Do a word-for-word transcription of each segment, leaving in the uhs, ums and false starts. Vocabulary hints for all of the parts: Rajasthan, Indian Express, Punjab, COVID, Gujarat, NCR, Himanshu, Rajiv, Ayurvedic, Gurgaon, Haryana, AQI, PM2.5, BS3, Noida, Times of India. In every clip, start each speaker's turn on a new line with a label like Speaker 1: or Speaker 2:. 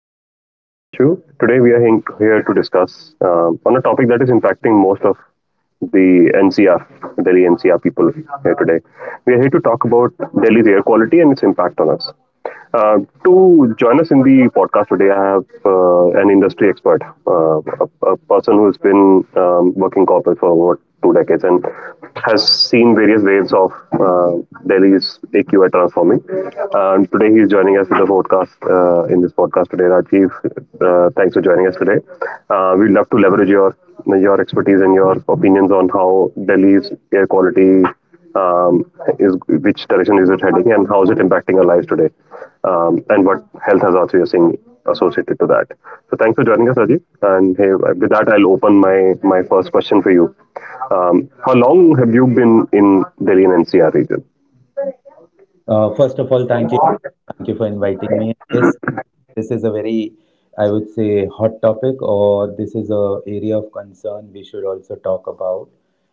Speaker 1: today. My name is Himanshu. Today, we are hing- here to discuss uh, on a topic that is impacting most of the N C R, Delhi N C R people here today. We are here to talk about Delhi's air quality and its impact on us. Uh, to join us in the podcast today, I have uh, an industry expert, uh, a, a person who's been um, working corporate for what two decades and has seen various waves of uh, Delhi's A Q I transforming. Uh, and today he's joining us with the podcast uh, in this podcast today. Rajiv, uh, thanks for joining us today. Uh, we'd love to leverage your your expertise and your opinions on how Delhi's air quality, um, is which direction is it heading, and how is it impacting our lives today, um, and what health hazards we are seeing associated to that. So thanks for joining us, Rajiv, and hey, with that, I'll open my my first question for you. Um, how long have you been in Delhi and N C R region?
Speaker 2: Uh, first of all, thank you. Thank you for inviting me. Yes, this is a very, I would say, hot topic, or this is a area of concern we should also talk about.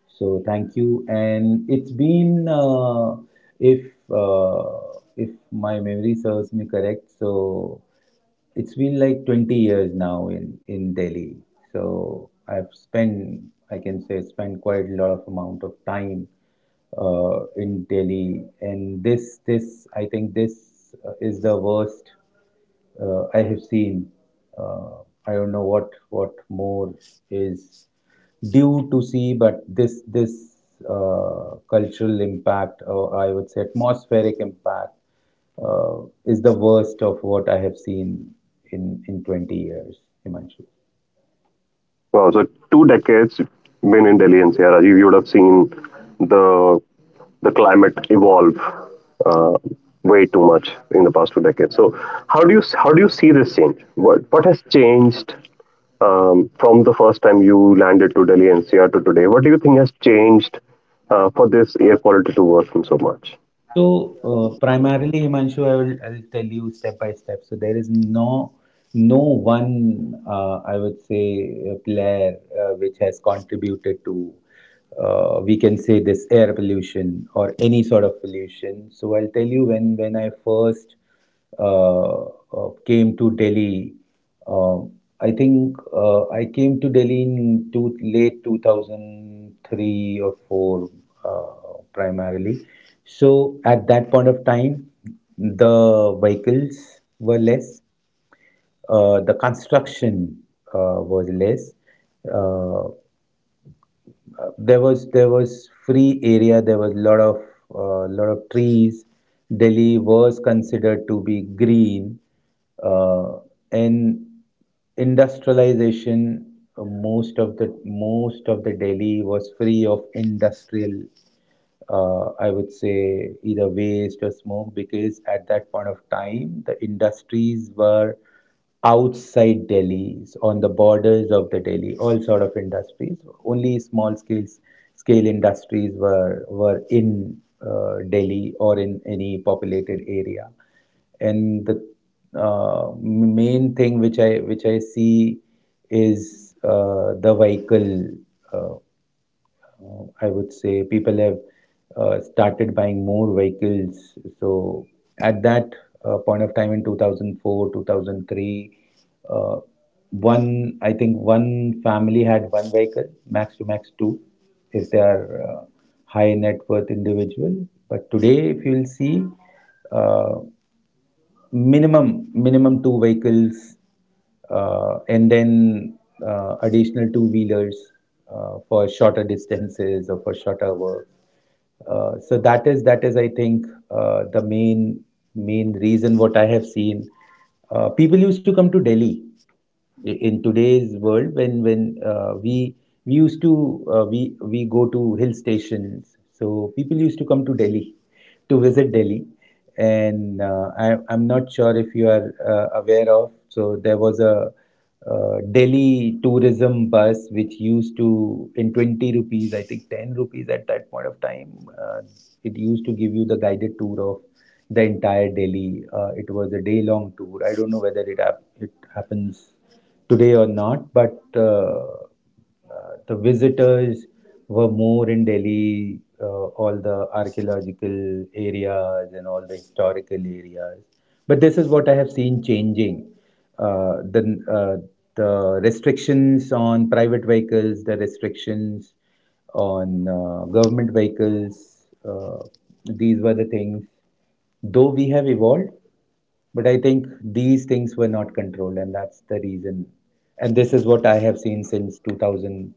Speaker 2: So thank you. And it's been, uh, if uh, if my memory serves me correct, so it's been like twenty years now in, in Delhi. So I've spent, I can say, spent quite a lot of amount of time uh, in Delhi. And this, this, I think this uh, is the worst uh, I have seen. Uh, I don't know what, what more is due to see, but this, this uh, cultural impact, or I would say atmospheric impact uh, is the worst of what I have seen in in twenty years, Himanshu.
Speaker 1: Wow, so two decades been in Delhi N C R, Rajiv. You would have seen the the climate evolve uh, way too much in the past two decades. So, how do you how do you see this change? What what has changed um, from the first time you landed to Delhi N C R to today? What do you think has changed uh, for this air quality to worsen so much?
Speaker 2: So uh, primarily, Himanshu, I will I'll tell you step by step. So there is no no one, uh, I would say, uh, player, uh, which has contributed to, uh, we can say, this air pollution or any sort of pollution. So I'll tell you when when I first uh, uh, came to Delhi. Um, I think uh, I came to Delhi in two, late two thousand three or four uh,, primarily. So at that point of time, the vehicles were less, uh, the construction uh, was less. Uh, uh, there was there was free area. There was lot of uh, lot of trees. Delhi was considered to be green, uh, and industrialization. uh, Most of the most of the Delhi was free of industrial uh, I would say, either waste or smoke, because at that point of time the industries were outside Delhi, so on the borders of the Delhi, all sort of industries. Only small scales scale industries were were in uh, Delhi or in any populated area. And the uh, main thing which I which I see is uh, the vehicle. Uh, uh, I would say people have uh, started buying more vehicles. So at that uh, point of time in two thousand four, two thousand three, uh, one I think one family had one vehicle, max to max two, if they are uh, high net worth individual. But today, if you'll see, uh, minimum minimum two vehicles, uh, and then uh, additional two wheelers uh, for shorter distances or for shorter work. Uh, so that is that is I think uh, the main main reason what I have seen. Uh, people used to come to Delhi. I- in today's world, when when uh, we we used to uh, we we go to hill stations, so people used to come to Delhi to visit Delhi. And uh, I, I'm not sure if you are uh, aware of. So there was a uh, Delhi tourism bus which used to, in twenty rupees, I think ten rupees at that point of time, uh, it used to give you the guided tour of the entire Delhi. Uh, it was a day long tour. I don't know whether it, hap- it happens today or not, but uh, uh, the visitors were more in Delhi, uh, all the archaeological areas and all the historical areas. But this is what I have seen changing. Uh, the, uh, the restrictions on private vehicles, the restrictions on uh, government vehicles, uh, these were the things, though we have evolved, but I think these things were not controlled, and that's the reason. And this is what I have seen since two thousand,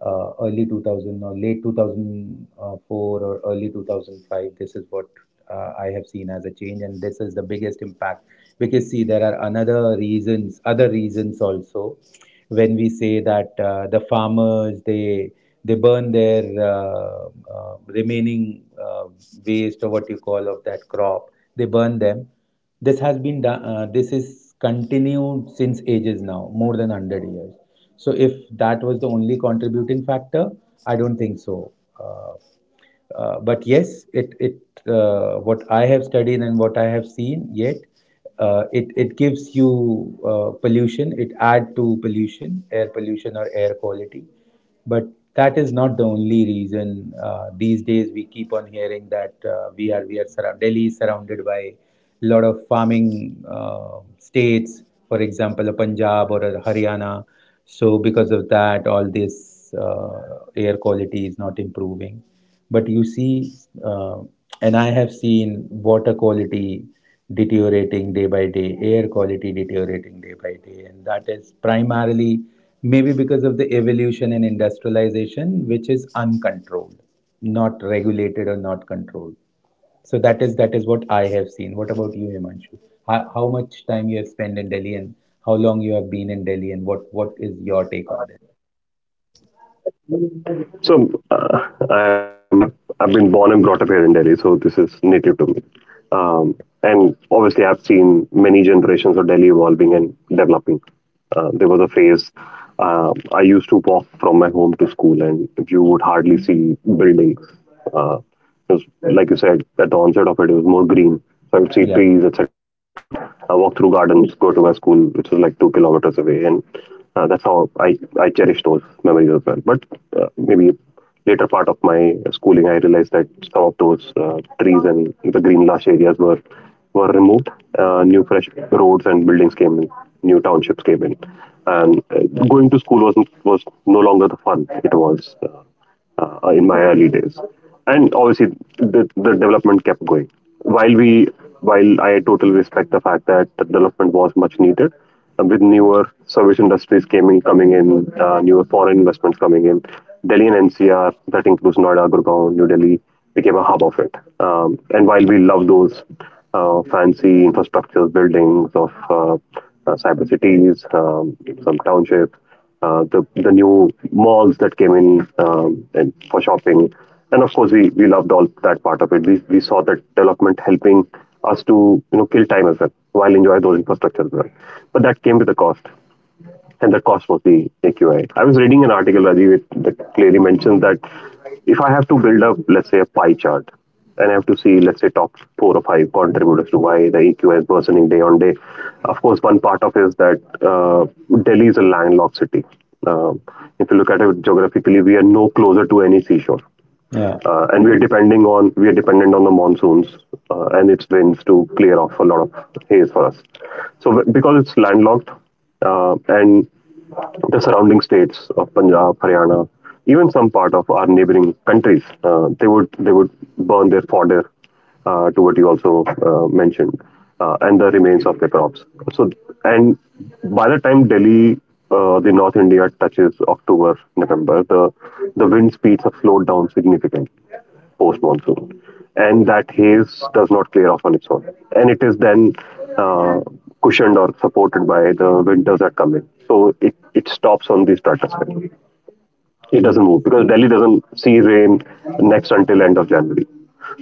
Speaker 2: uh, early two thousand or late two thousand four or early two thousand five. This is what uh, I have seen as a change, and this is the biggest impact. Because see, there are another reasons, other reasons also, when we say that uh, the farmers, they they burn their uh, uh, remaining uh, waste, or what you call, of that crop, they burn them. This has been done, uh, this is continued since ages, now more than hundred years. So if that was the only contributing factor, I don't think so. uh, uh, but yes, it it uh, what I have studied and what I have seen yet, uh, it it gives you uh, pollution. It add to pollution, air pollution or air quality. But that is not the only reason. Uh, these days, we keep on hearing that uh, we are we are surrounded. Delhi is surrounded by a lot of farming uh, states, for example, a Punjab or a Haryana. So because of that, all this uh, air quality is not improving. But you see, uh, and I have seen water quality deteriorating day by day, air quality deteriorating day by day, and that is primarily maybe because of the evolution and industrialization, which is uncontrolled, not regulated or not controlled. So that is that is what I have seen. What about you, Himanshu? How, how much time you have spent in Delhi, and how long you have been in Delhi, and what what is your take on this?
Speaker 1: So uh, I'm I've, I've been born and brought up here in Delhi, so this is native to me. Um, and obviously, I've seen many generations of Delhi evolving and developing. Uh, there was a phase, uh, I used to walk from my home to school, and you would hardly see buildings. Uh, it was, like you said, at the onset of it, it was more green. So I would see
Speaker 2: Yeah,
Speaker 1: trees, et cetera. I walk through gardens, go to my school, which was like two kilometers away, and uh, that's how I I cherish those memories as well. But uh, maybe later part of my schooling, I realized that some of those uh, trees and the green lush areas were were removed. Uh, new fresh roads and buildings came in. New townships came in, and uh, going to school was was no longer the fun it was uh, uh, in my early days. And obviously, the the development kept going. While we while I totally respect the fact that the development was much needed, uh, with newer service industries coming coming in, uh, newer foreign investments coming in. Delhi and N C R, that includes Noida, Gurgaon, New Delhi, became a hub of it. Um, and while we love those uh, fancy infrastructures, buildings of uh, uh, cyber cities, um, some townships, uh, the the new malls that came in, um, and for shopping, and of course we we loved all that part of it. We we saw that development helping us to you know kill time as well, while enjoy those infrastructure as well, but that came with a cost, and that cost was the A Q I. Was reading an article, Rajiv, it that clearly mentions that if I have to build up, let's say, a pie chart, and I have to see, let's say, top four or five contributors to why the A Q I is worsening day on day. Of course, one part of it is that uh, Delhi is a landlocked city. Um, if you look at it geographically, we are no closer to any seashore,
Speaker 2: yeah.
Speaker 1: uh, and we are depending on we are dependent on the monsoons uh, and its winds to clear off a lot of haze for us. So, w- because it's landlocked, uh, and the surrounding states of Punjab, Haryana, even some part of our neighboring countries, uh, they would they would burn their fodder, uh, to what you also uh, mentioned, uh, and the remains of their crops. So, and by the time Delhi, uh, the North India touches October, November, the the wind speeds have slowed down significantly post monsoon, and that haze does not clear off on its own, and it is then uh, cushioned or supported by the winters that come in. So it, it stops on these stratosphere, it
Speaker 2: Mm.
Speaker 1: doesn't move because Delhi doesn't see rain next until end of January.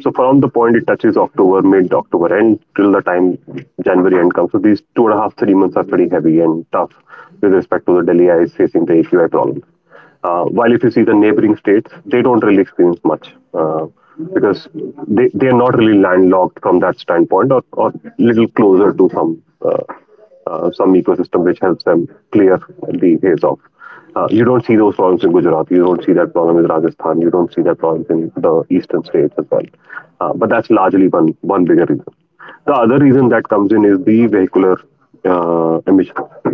Speaker 1: So from the point it touches October, mid October end, till the time January end comes. So these two and a half, three months are pretty heavy and tough with respect to the Delhi eyes facing the A Q I problem. Uh, while if you see the neighboring states, they don't really experience much uh, because they, they are not really landlocked from that standpoint, or, or little closer to some uh, uh, some ecosystem which helps them clear the haze off. Uh, you don't see those problems in Gujarat. You don't see that problem in Rajasthan. You don't see that problem in the eastern states as well. Uh, but that's largely one one bigger reason. The other reason that comes in is the vehicular uh, emissions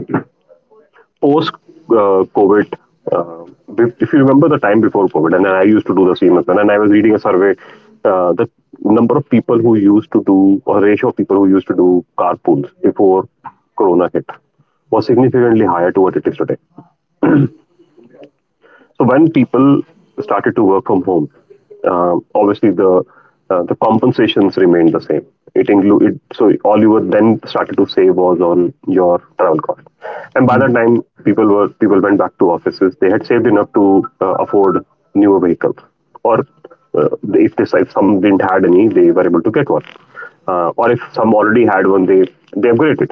Speaker 1: post uh, COVID. uh, if if you remember the time before COVID, and I used to do the same as well, and I was reading a survey, uh, the number of people who used to do, or ratio of people who used to do carpools before Corona hit was significantly higher to what it is today. So when people started to work from home, um, obviously the uh, the compensations remained the same. It included, so all you were then started to save was on your travel cost, and by
Speaker 2: Mm.
Speaker 1: that time people were people went back to offices. They had saved enough to uh, afford newer vehicles, or uh, if they if some didn't had any, they were able to get one, uh, or if some already had one, they they upgraded.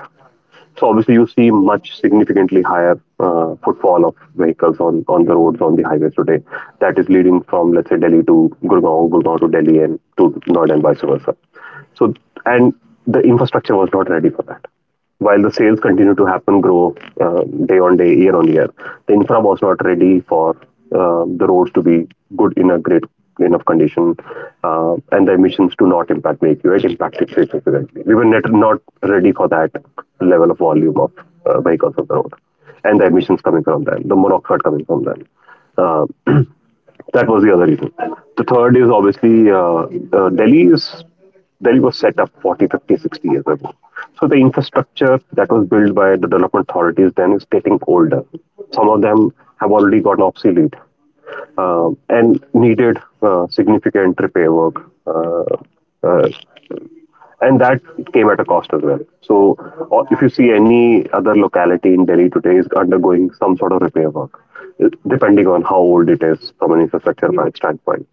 Speaker 1: So obviously, you see much significantly higher uh, footfall of vehicles on, on the roads on the highways today. That is leading from, let's say, Delhi to Gurgaon, Gurgaon to Delhi, and to Noida and vice versa. So, and the infrastructure was not ready for that, while the sales continue to happen, grow, uh, day on day, year on year. The infra was not ready for uh, the roads to be good in a great enough condition, uh, and the emissions to not impact the A Q I. It impacted significantly. We were net, not ready for that level of volume of uh, vehicles on the road, and the emissions coming from them, the monoxide coming from them. Uh, that was the other reason. The third is obviously uh, uh, Delhi is Delhi was set up forty, fifty, sixty years ago. So the infrastructure that was built by the development authorities then is getting older. Some of them have already gotten obsolete, um, and needed uh, significant repair work. Uh, uh, and that came at a cost as well. So, or if you see any other locality in Delhi today is undergoing some sort of repair work, depending on how old it is from an infrastructure standpoint.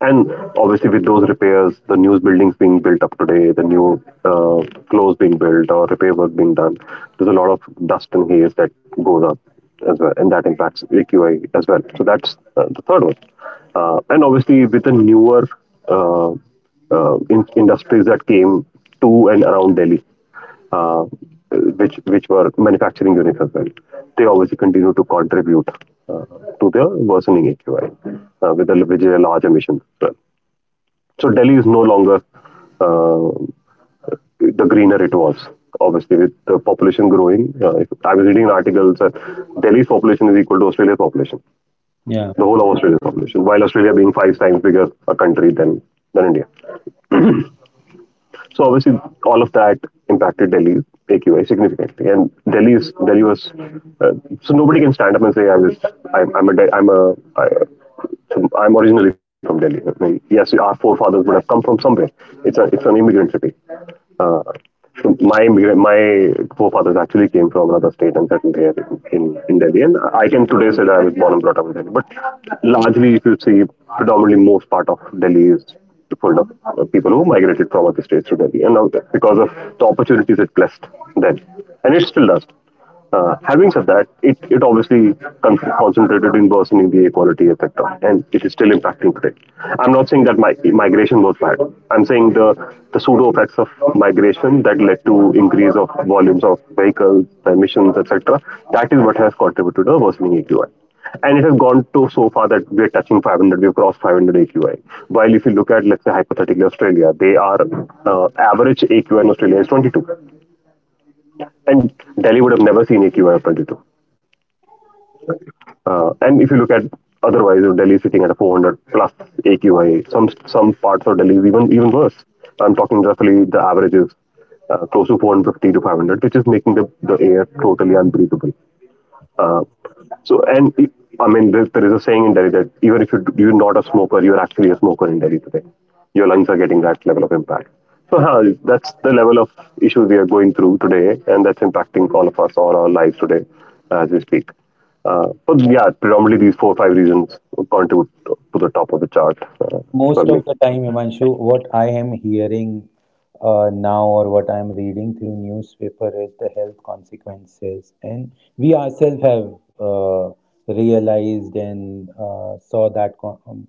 Speaker 1: And obviously, with those repairs, the new buildings being built up today, the new uh, floors being built or repair work being done, there's a lot of dust and haze that goes up as well, and that impacts A Q I as well. So that's uh, the third one. Uh, and obviously, with the newer uh, uh, in- industries that came to and around Delhi, uh, which which were manufacturing units as well, they obviously continue to contribute uh, to the worsening A Q I uh, with a, with a large emission. So Delhi is no longer uh, the greener it was. Obviously, with the population growing, uh, if- I was reading an article that Delhi's population is equal to Australia's population,
Speaker 2: Yeah.
Speaker 1: the whole of Australia's population, while Australia being five times bigger a country than than India. So obviously, all of that impacted Delhi's A Q I significantly, and Delhi's Delhi was uh, so nobody can stand up and say I was I'm, I'm a De- I'm a I, so I'm originally from Delhi. I mean, yes, our forefathers would have come from somewhere. It's a it's an immigrant city. Uh, so my immigrant, my forefathers actually came from another state and settled here in, in, in Delhi. And I can today say that I was born and brought up in Delhi. But largely, if you see, predominantly most part of Delhi is to pull up uh, people who migrated from other states to Delhi. And now, because of the opportunities it blessed then, and it still does. Uh, having said that, it, it obviously con- concentrated in worsening the equality effect, and it is still impacting today. I'm not saying that my, migration was bad. I'm saying the, the pseudo effects of migration that led to increase of volumes of vehicles, emissions, et cetera. That is what has contributed to the worsening A Q I. And it has gone to so far that we are touching five hundred, we've crossed five hundred A Q I. While if you look at, let's say, hypothetically Australia, they are uh, average A Q I in Australia is twenty-two. And Delhi would have never seen A Q I of twenty-two. Uh, and if you look at otherwise, you Delhi is sitting at a four hundred plus A Q I. Some some parts of Delhi is even even worse. I'm talking roughly the average is uh, close to four hundred fifty to five hundred, which is making the, the air totally unbreathable. Uh, so, and it, I mean, there, there is a saying in Delhi that even if you, d- you're not a smoker, you're actually a smoker in Delhi today. Your lungs are getting that level of impact. So, huh, that's the level of issues we are going through today, and that's impacting all of us, all our lives today as we speak. Uh, but yeah, predominantly these four or five reasons contribute to to the top of the chart uh, for
Speaker 2: Most
Speaker 1: me.
Speaker 2: of the time, Himanshu, what I am hearing uh, now, or what I am reading through newspaper, is the health consequences, and we ourselves have uh, realized and uh, saw that co- um,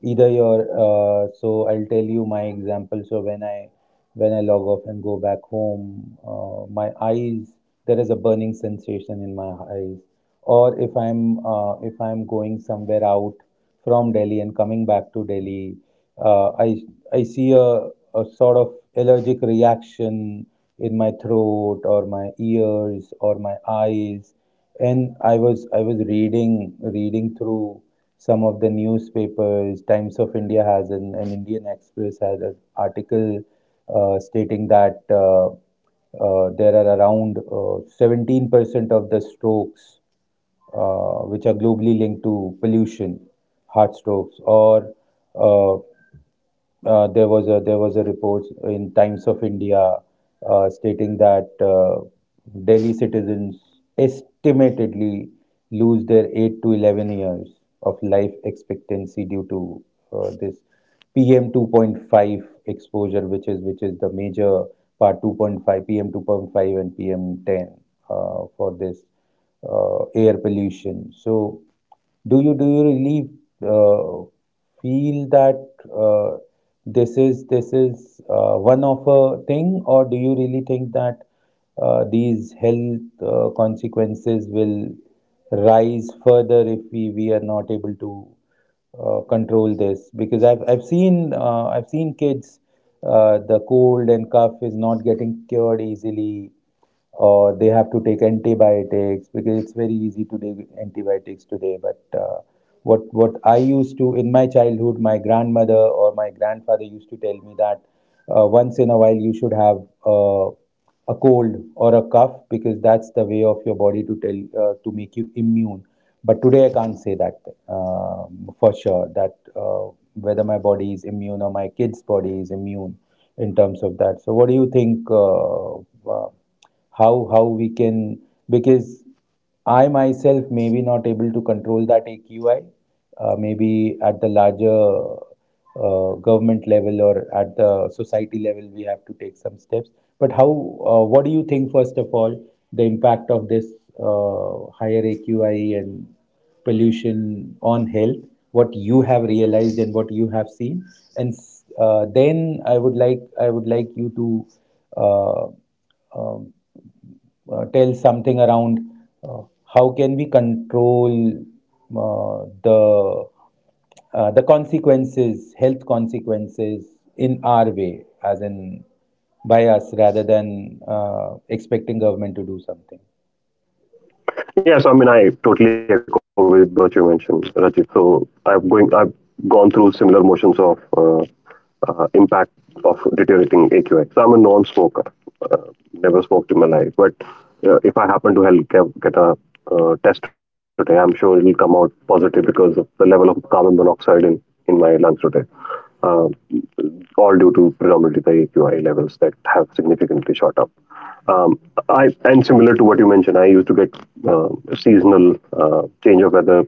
Speaker 2: either your uh, so I'll tell you my example. So when i when i log off and go back home, uh, my eyes, there is a burning sensation in my eyes. Or if i'm uh, if I'm going somewhere out from Delhi and coming back to Delhi, uh, i i see a, a sort of allergic reaction in my throat or my ears or my eyes. And i was i was reading reading through some of the newspapers. Times of India has an, an Indian Express has an article uh, stating that uh, uh, there are around uh, seventeen percent of the strokes, uh, which are globally linked to pollution, heart strokes. Or uh, uh, there was a there was a report in Times of India uh, stating that uh, Delhi citizens estimatedly lose their eight to eleven years of life expectancy due to uh, this P M two point five exposure, which is which is the major part, two point five, P M two point five and P M ten, uh, for this uh, air pollution. So, do you do you really uh, feel that uh, this is this is uh, one of a thing, or do you really think that uh, these health uh, consequences will rise further if we, we are not able to uh, control this? Because I've I've seen uh, I've seen kids, uh, the cold and cough is not getting cured easily, or they have to take antibiotics, because it's very easy to take antibiotics today. But uh, what what I used to in my childhood, my grandmother or my grandfather used to tell me that uh, once in a while you should have uh, a cold or a cough, because that's the way of your body to tell, uh, to make you immune. But today I can't say that uh, for sure, that uh, whether my body is immune or my kid's body is immune in terms of that. So what do you think? Uh, uh, how how we can, because I myself may be not able to control that A Q I, uh, maybe at the larger uh, government level or at the society level, we have to take some steps. But how, uh, what do you think, first of all, the impact of this uh, higher A Q I and pollution on health, what you have realized and what you have seen? And uh, then I would like, I would like you to uh, um, uh, tell something around uh, how can we control uh, the uh, the consequences, health consequences, in our way, as in by us, rather than uh, expecting government to do something.
Speaker 1: Yes, I mean I totally echo with what you mentioned, Rajit. So I've going, I've gone through similar motions of uh, uh, impact of deteriorating A Q I. So I'm a non-smoker, uh, never smoked in my life. But uh, if I happen to hell get, get a uh, test today, I'm sure it'll come out positive because of the level of carbon monoxide in in my lungs today. Um all due to predominantly the A Q I levels that have significantly shot up. Um, I and similar to what you mentioned, I used to get uh, seasonal uh, change of weather,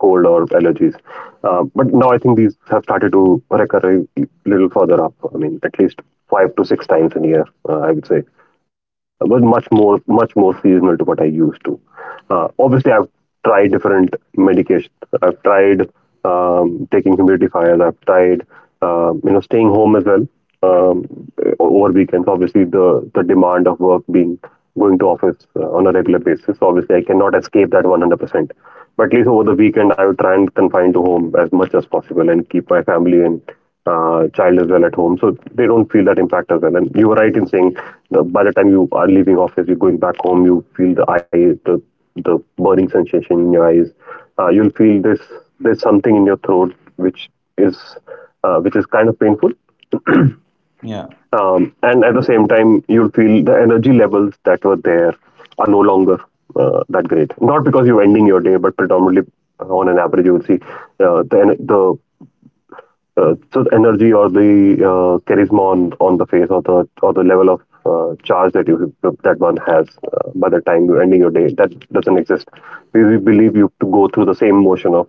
Speaker 1: cold or allergies. Uh, but now I think these have started to recur a little further up. I mean, at least five to six times in a year, uh, I would say. It was much more, much more seasonal to what I used to. Uh, obviously, I've tried different medications. I've tried um, taking humidifiers. I've tried, um, you know, staying home as well um, over weekends. Obviously, the the demand of work being going to office uh, on a regular basis. Obviously, I cannot escape that one hundred percent. But at least over the weekend, I would try and confine to home as much as possible and keep my family and uh, child as well at home, so they don't feel that impact as well. And you were right in saying that by the time you are leaving office, you're going back home, you feel the eye, the the burning sensation in your eyes. Uh, you'll feel this there's something in your throat which is uh, which is kind of painful,
Speaker 2: Yeah,
Speaker 1: um, and at the same time you'll feel the energy levels that were there are no longer uh, that great. Not because you're ending your day, but predominantly uh, on an average you will see uh, the ener- the uh, so the energy or the uh, charisma on, on the face or the or the level of uh, charge that you that one has uh, by the time you're ending your day that doesn't exist because we believe you to go through the same motion of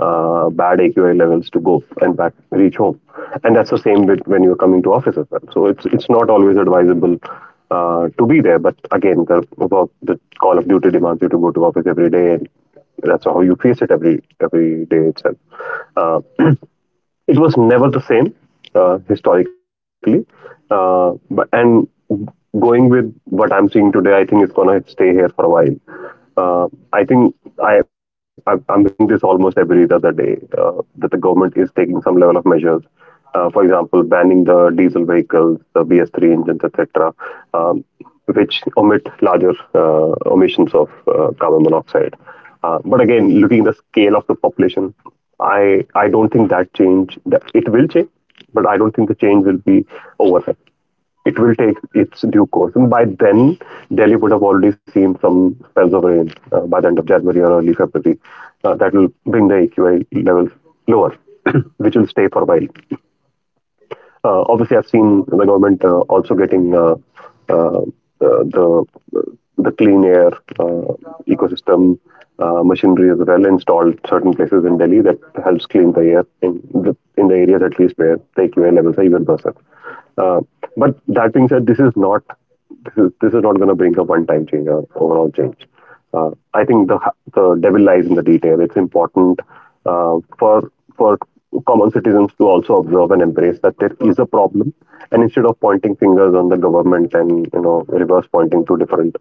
Speaker 1: uh, bad A Q I levels to go and back reach home, and that's the same with when you're coming to office as well. So it's it's not always advisable uh, to be there, but again the work the call of duty demands you to go to office every day, and that's how you face it every every day itself. uh, it was never the same uh, historically, uh, but and going with what I'm seeing today, I think it's going to stay here for a while. Uh, I think I, I I'm reading this almost every other day uh, that the government is taking some level of measures, uh, for example banning the diesel vehicles, the B S three engines, etc. um, which omit larger uh, emissions of uh, carbon monoxide. Uh, but again, looking at the scale of the population, I I don't think that change, that it will change, but I don't think the change will be overnight. It will take its due course, and by then Delhi would have already seen some spells of rain uh, by the end of January or early February. Uh, that will bring the A Q I levels lower, which will stay for a while. Uh, obviously, I've seen the government uh, also getting uh, uh, uh, the the clean air uh, ecosystem uh, machinery as well installed certain places in Delhi that helps clean the air in the in the areas, at least where the A Q I levels are even worse. Uh, but that being said, this is not this is this is not going to bring a one-time change or overall change. Uh, I think the the devil lies in the detail. It's important uh, for for common citizens to also observe and embrace that there is a problem, and instead of pointing fingers on the government and you know reverse pointing to different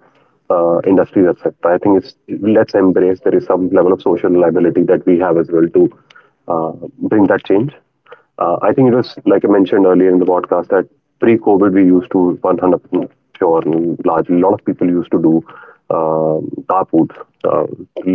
Speaker 1: uh, industries, et cetera. I think it's let's embrace there is some level of social liability that we have as well to uh, bring that change. Uh, I think it was, like I mentioned earlier in the podcast, that pre-COVID we used to one hundred percent sure largely a lot of people used to do um carpools, uh,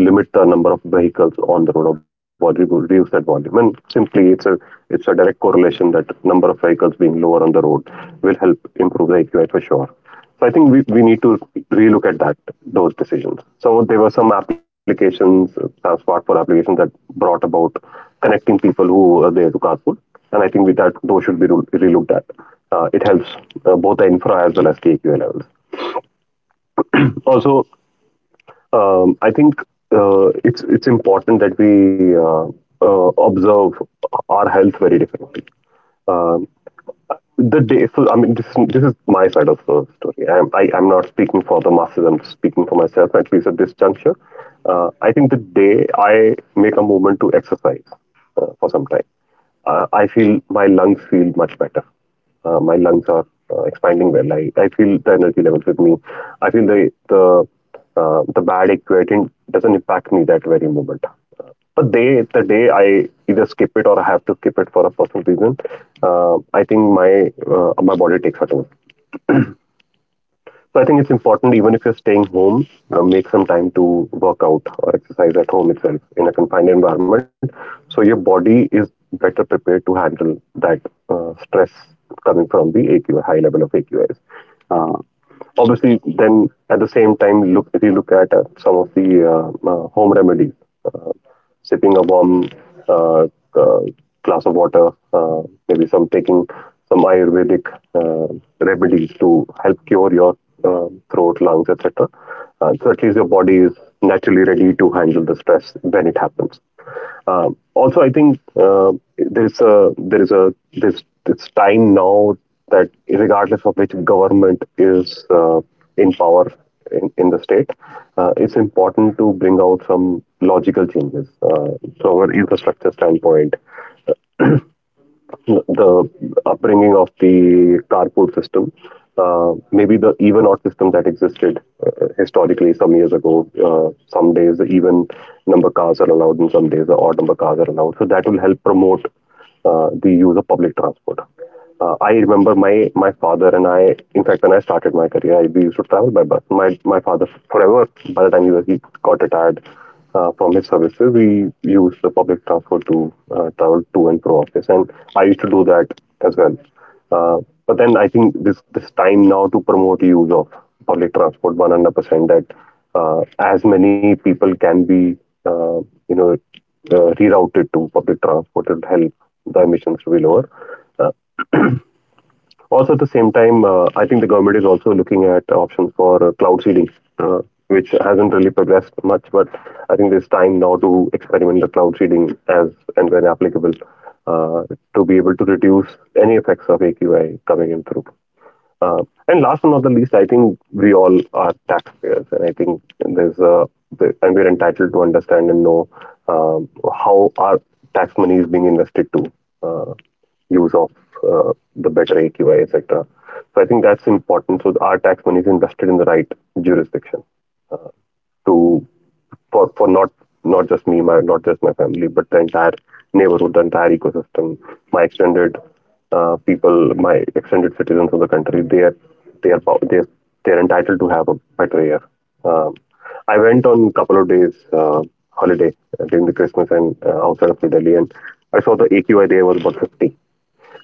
Speaker 1: limit the number of vehicles on the road or volume, reduce that volume. And simply, it's a it's a direct correlation that number of vehicles being lower on the road will help improve the A Q I for sure. So I think we, we need to relook at that those decisions. So there were some applications, some smartphone applications, that brought about connecting people who are there to carpool, and I think with that those should be re- relooked at. Uh, it helps uh, both the infra as well as T Q A levels. Also, um, I think uh, it's it's important that we uh, uh, observe our health very differently. Um the day so I mean this, This is my side of the story. I, am- I I'm not speaking for the masses, I'm speaking for myself, at least at this juncture. uh, I think the day I make a movement to exercise uh, for some time, uh, i feel my lungs feel much better. Uh, my lungs are uh, expanding well. I, I feel the energy levels with me. I feel the the uh, the bad equating doesn't impact me that very moment. But day The day I either skip it, or I have to skip it for a personal reason, uh, I think my uh, my body takes a toll. So I think it's important, even if you're staying home, uh, make some time to work out or exercise at home itself in a confined environment. So your body is better prepared to handle that uh, stress coming from the A Q I, high level of A Q Is. Uh, obviously, then at the same time, look if you look at uh, some of the uh, uh, home remedies, uh, sipping a warm uh, uh, glass of water, uh, maybe some taking some Ayurvedic uh, remedies to help cure your uh, throat, lungs, et cetera. Uh, so at least your body is naturally ready to handle the stress when it happens. Um, also, I think uh, there's a there's a this it's time now that regardless of which government is uh, in power in, in the state, uh, it's important to bring out some logical changes uh, from an infrastructure standpoint, the upbringing of the carpool system, uh, maybe the even odd system that existed uh, historically some years ago. Uh, some days the even number cars are allowed, and some days the odd number cars are allowed. So that will help promote uh, the use of public transport. Uh, I remember my my father and I. In fact, when I started my career, I, we used to travel by bus. My my father forever. By the time he was, he got retired uh, from his services, we used the public transport to uh, travel to and pro office, and I used to do that as well. Uh, but then I think this this time now to promote use of public transport one hundred percent, that uh, as many people can be uh, you know uh, rerouted to public transport, it will help the emissions to be lower. Uh, also, at the same time, uh, I think the government is also looking at options for uh, cloud seeding, uh, which hasn't really progressed much, but I think there's time now to experiment the cloud seeding as and when applicable uh, to be able to reduce any effects of A Q I coming in through. Uh, and last but not the least, I think we all are taxpayers, and I think there's a the- and we're entitled to understand and know um, how our tax money is being invested to uh, use of uh, the better A Q I, et cetera. So I think that's important. So our tax money is invested in the right jurisdiction to for for not not just me, my not just my family, but the entire neighborhood, the entire ecosystem, my extended uh, people, my extended citizens of the country. They are they are pow- they are, they are entitled to have a better year. Um, I went on a couple of days uh, holiday during the Christmas and uh, outside of New Delhi, and I saw the A Q I there was about fifty.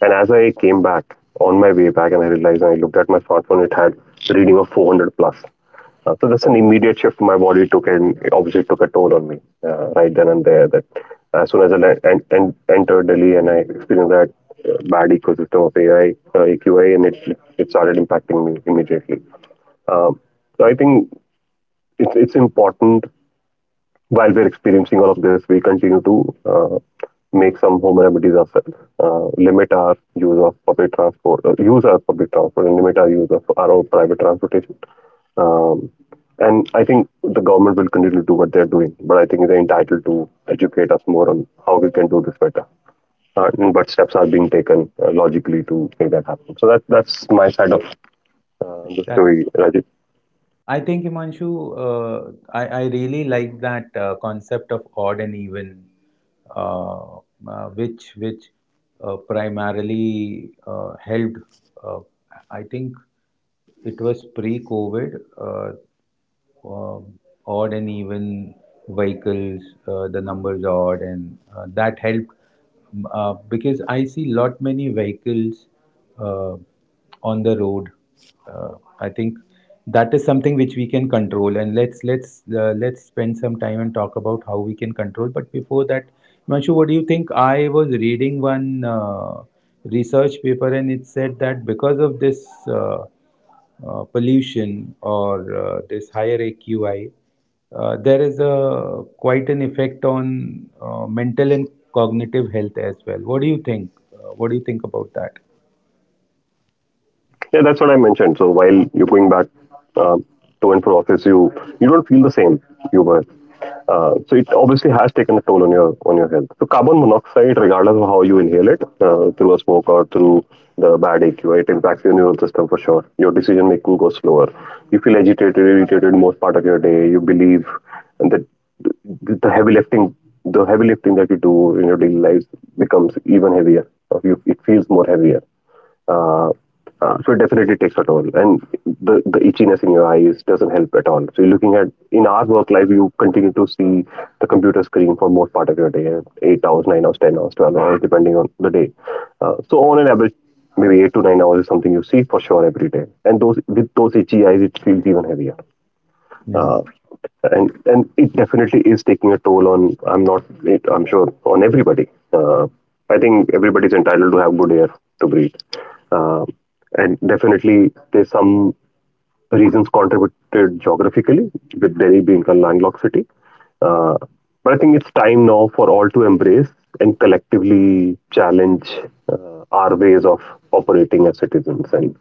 Speaker 1: And as I came back on my way back, and I realized and I looked at my smartphone, it had the reading of four hundred plus. Uh, so that's an immediate shift my body took, and it obviously took a toll on me uh, right then and there. That as soon as I en- en- entered Delhi and I experienced that uh, bad ecosystem of A I, uh, A Q I, and it it started impacting me immediately. Um, so I think it's it's important. While we're experiencing all of this, we continue to uh, make some home remedies ourselves, uh, limit our use of public transport, uh, use our public transport, and limit our use of our own private transportation. Um, and I think the government will continue to do what they're doing, but I think they're entitled to educate us more on how we can do this better. Uh, and what steps are being taken uh, logically to make that happen. So that, that's my side of uh, the story, Rajit.
Speaker 2: I think, Himanshu, uh, I, I really like that uh, concept of odd and even, uh, uh, which which uh, primarily uh, helped. Uh, I think it was pre-COVID. Uh, uh, Odd and even vehicles, uh, the numbers odd, and uh, that helped, um, uh, because I see lot many vehicles uh, on the road. Uh, I think that is something which we can control, and let's let's uh, let's spend some time and talk about how we can control. But before that, Manshu, what do you think? I was reading one uh, research paper, and it said that because of this. Uh, uh, pollution or uh, this higher A Q I, uh, there is a quite an effect on uh, mental and cognitive health as well. What do you think? Uh, what do you think about that?
Speaker 1: Yeah, that's what I mentioned. So while you're going back um, to and fro office, you you don't feel the same you were. Uh, so it obviously has taken a toll on your on your health. So carbon monoxide, regardless of how you inhale it, uh, through a smoke or through the bad A Q I, it impacts your neural system for sure. Your decision making goes slower. You feel agitated, irritated most part of your day. You believe that the the heavy lifting, the heavy lifting that you do in your daily lives becomes even heavier. Or you, it feels more heavier, uh, uh, so it definitely takes a toll, and the the itchiness in your eyes doesn't help at all. So you're looking at in our work life, you continue to see the computer screen for most part of your day, eight hours, nine hours, ten hours, twelve hours, depending on the day. Uh, so on an average, maybe eight to nine hours is something you see for sure every day, and those with those itchy eyes, it feels even heavier,
Speaker 2: Yeah.
Speaker 1: uh, and and it definitely is taking a toll on. I'm not, it, I'm sure on everybody. uh, I think everybody's entitled to have good air to breathe, uh, and definitely there's some reasons contributed geographically, with Delhi being a landlocked city. Uh, but I think it's time now for all to embrace and collectively challenge uh, our ways of operating as citizens. And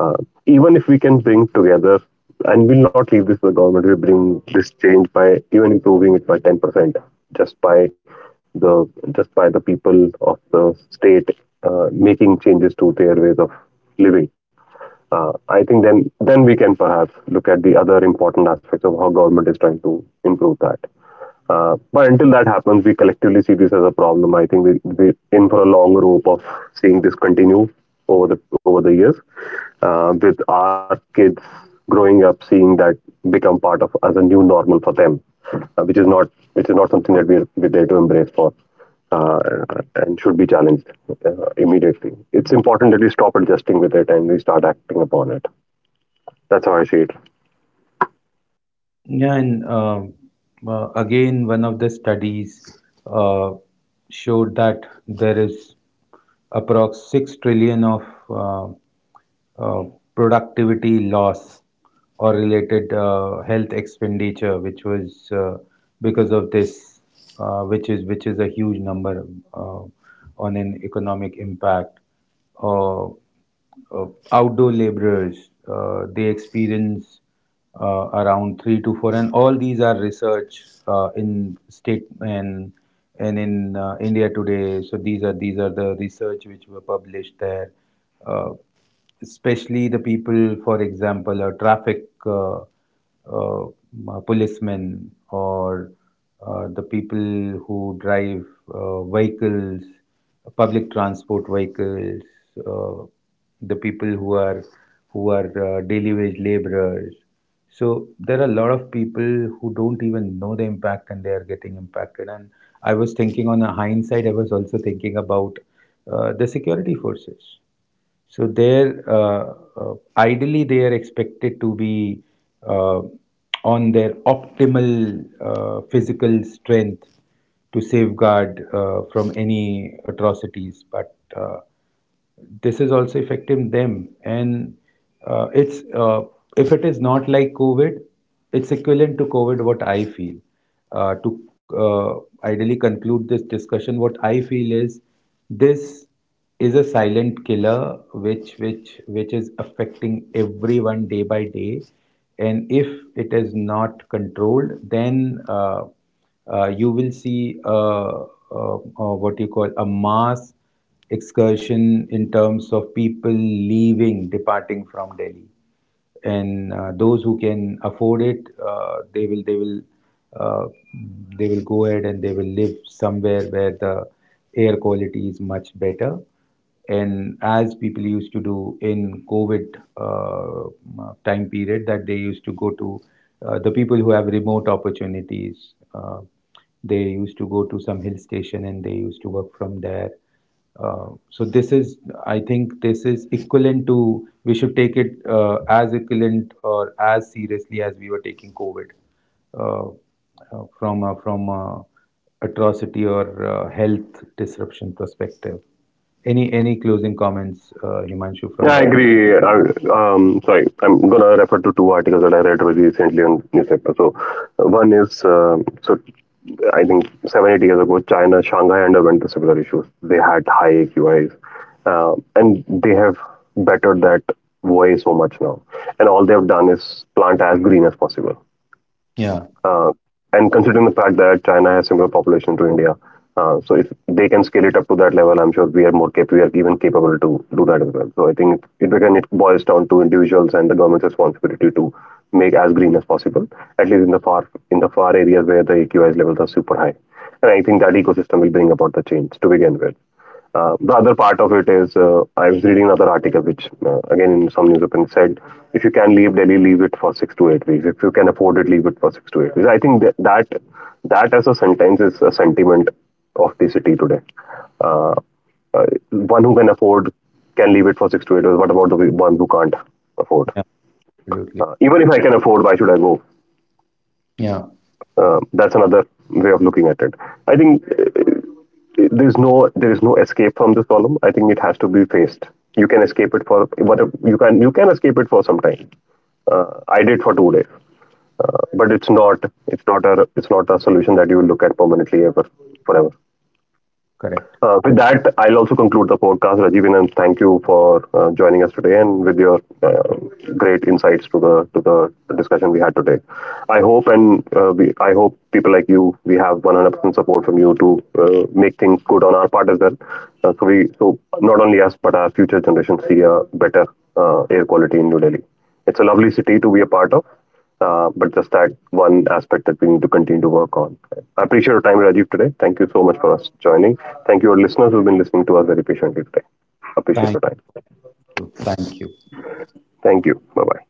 Speaker 1: uh, even if we can bring together, and we'll not leave this to the government, we bring this change by even improving it by ten percent, just by the just by the people of the state uh, making changes to their ways of living. Uh, I think then then we can perhaps look at the other important aspects of how government is trying to improve that. Uh, but until that happens, we collectively see this as a problem. I think we we in for a long rope of seeing this continue over the over the years, uh, with our kids growing up seeing that become part of as a new normal for them, uh, which is not which is not something that we're, we're there to embrace for, uh, and should be challenged uh, immediately. It's important that we stop adjusting with it and we start acting upon it. That's how I see it.
Speaker 2: Yeah, and um, uh, again, one of the studies uh, showed that there is approx six trillion of uh, uh, productivity loss or related uh, health expenditure, which was uh, because of this, uh, which is which is a huge number uh, on an economic impact. Uh, uh, Outdoor laborers, uh, they experience uh, around three to four, and all these are research uh, in state and and in uh, India today. So these are these are the research which were published there. Uh, Especially the people, for example, a traffic uh, uh, m- policemen, or uh, the people who drive uh, vehicles, public transport vehicles, uh, the people who are who are uh, daily wage laborers. So there are a lot of people who don't even know the impact, and they are getting impacted. And I was thinking, on a hindsight, I was also thinking about uh, the security forces. So they're uh, uh, ideally they are expected to be uh, on their optimal uh, physical strength to safeguard uh, from any atrocities. But uh, this is also affecting them, and uh, it's uh, if it is not like COVID, it's equivalent to COVID, what I feel. Uh, to uh, ideally conclude this discussion, what I feel is, this is a silent killer which which which is affecting everyone day by day. And if it is not controlled, then uh, uh, you will see, uh, uh, uh, what you call, a mass excursion, in terms of people leaving, departing from Delhi. And uh, those who can afford it, uh, they will they will uh, they will go ahead and they will live somewhere where the air quality is much better. And as people used to do in COVID uh, time period, that they used to go to, uh, the people who have remote opportunities. Uh, they used to go to some hill station and they used to work from there. Uh, so this is, I think, this is equivalent to. We should take it uh, as equivalent or as seriously as we were taking COVID, uh, uh, from a, from a atrocity or uh, health disruption perspective. Any any closing comments, uh, Himanshu, from
Speaker 1: Yeah, I
Speaker 2: you?
Speaker 1: agree. I, um, sorry, I'm gonna refer to two articles that I read very recently on newspaper. So, uh, one is uh, so I think seven eight years ago, China Shanghai underwent the similar issues. They had high A Q Is, uh, and they have bettered that way so much now. And all they have done is plant as green as possible.
Speaker 2: Yeah,
Speaker 1: Uh, and considering the fact that China has similar population to India, uh, so if they can scale it up to that level, I'm sure we are more cap- we are even capable to do that as well. So I think it, it again it boils down to individuals and the government's responsibility to make as green as possible, at least in the far in the far areas where the A Q I levels are super high. And I think that ecosystem will bring about the change to begin with. Uh, the other part of it is, uh, I was reading another article, which uh, again in some newspaper it said, if you can leave Delhi, leave it for six to eight weeks. If you can afford it, leave it for six to eight weeks. I think that that, that as a sentence is a sentiment of the city today. Uh, uh, one who can afford can leave it for six to eight weeks. What about the one who can't afford?
Speaker 2: yeah, absolutely.
Speaker 1: Uh, even if I can afford, why should I go?
Speaker 2: Yeah,
Speaker 1: Uh, that's another way of looking at it. I think uh, there's no there's no escape from this problem. I think it has to be faced. You can escape it for what, you can you can escape it for some time. Uh, I did for two days, but it's not it's not a it's not a solution that you will look at permanently ever, forever.
Speaker 2: correct.
Speaker 1: Uh, with that, I'll also conclude the podcast, Rajiv, and thank you for uh, joining us today and with your uh, great insights to the to the discussion we had today. I hope and uh, we, I hope people like you, we have one hundred percent support from you to uh, make things good on our part as well. Uh, so we, so not only us but our future generations see a better uh, air quality in New Delhi. It's a lovely city to be a part of. Uh, but just that one aspect that we need to continue to work on. I appreciate your time, Rajiv, today. Thank you so much for us joining. Thank you, our listeners who've been listening to us very patiently today. Appreciate
Speaker 2: Thank
Speaker 1: your time.
Speaker 2: you. Thank you.
Speaker 1: Thank you. Bye bye.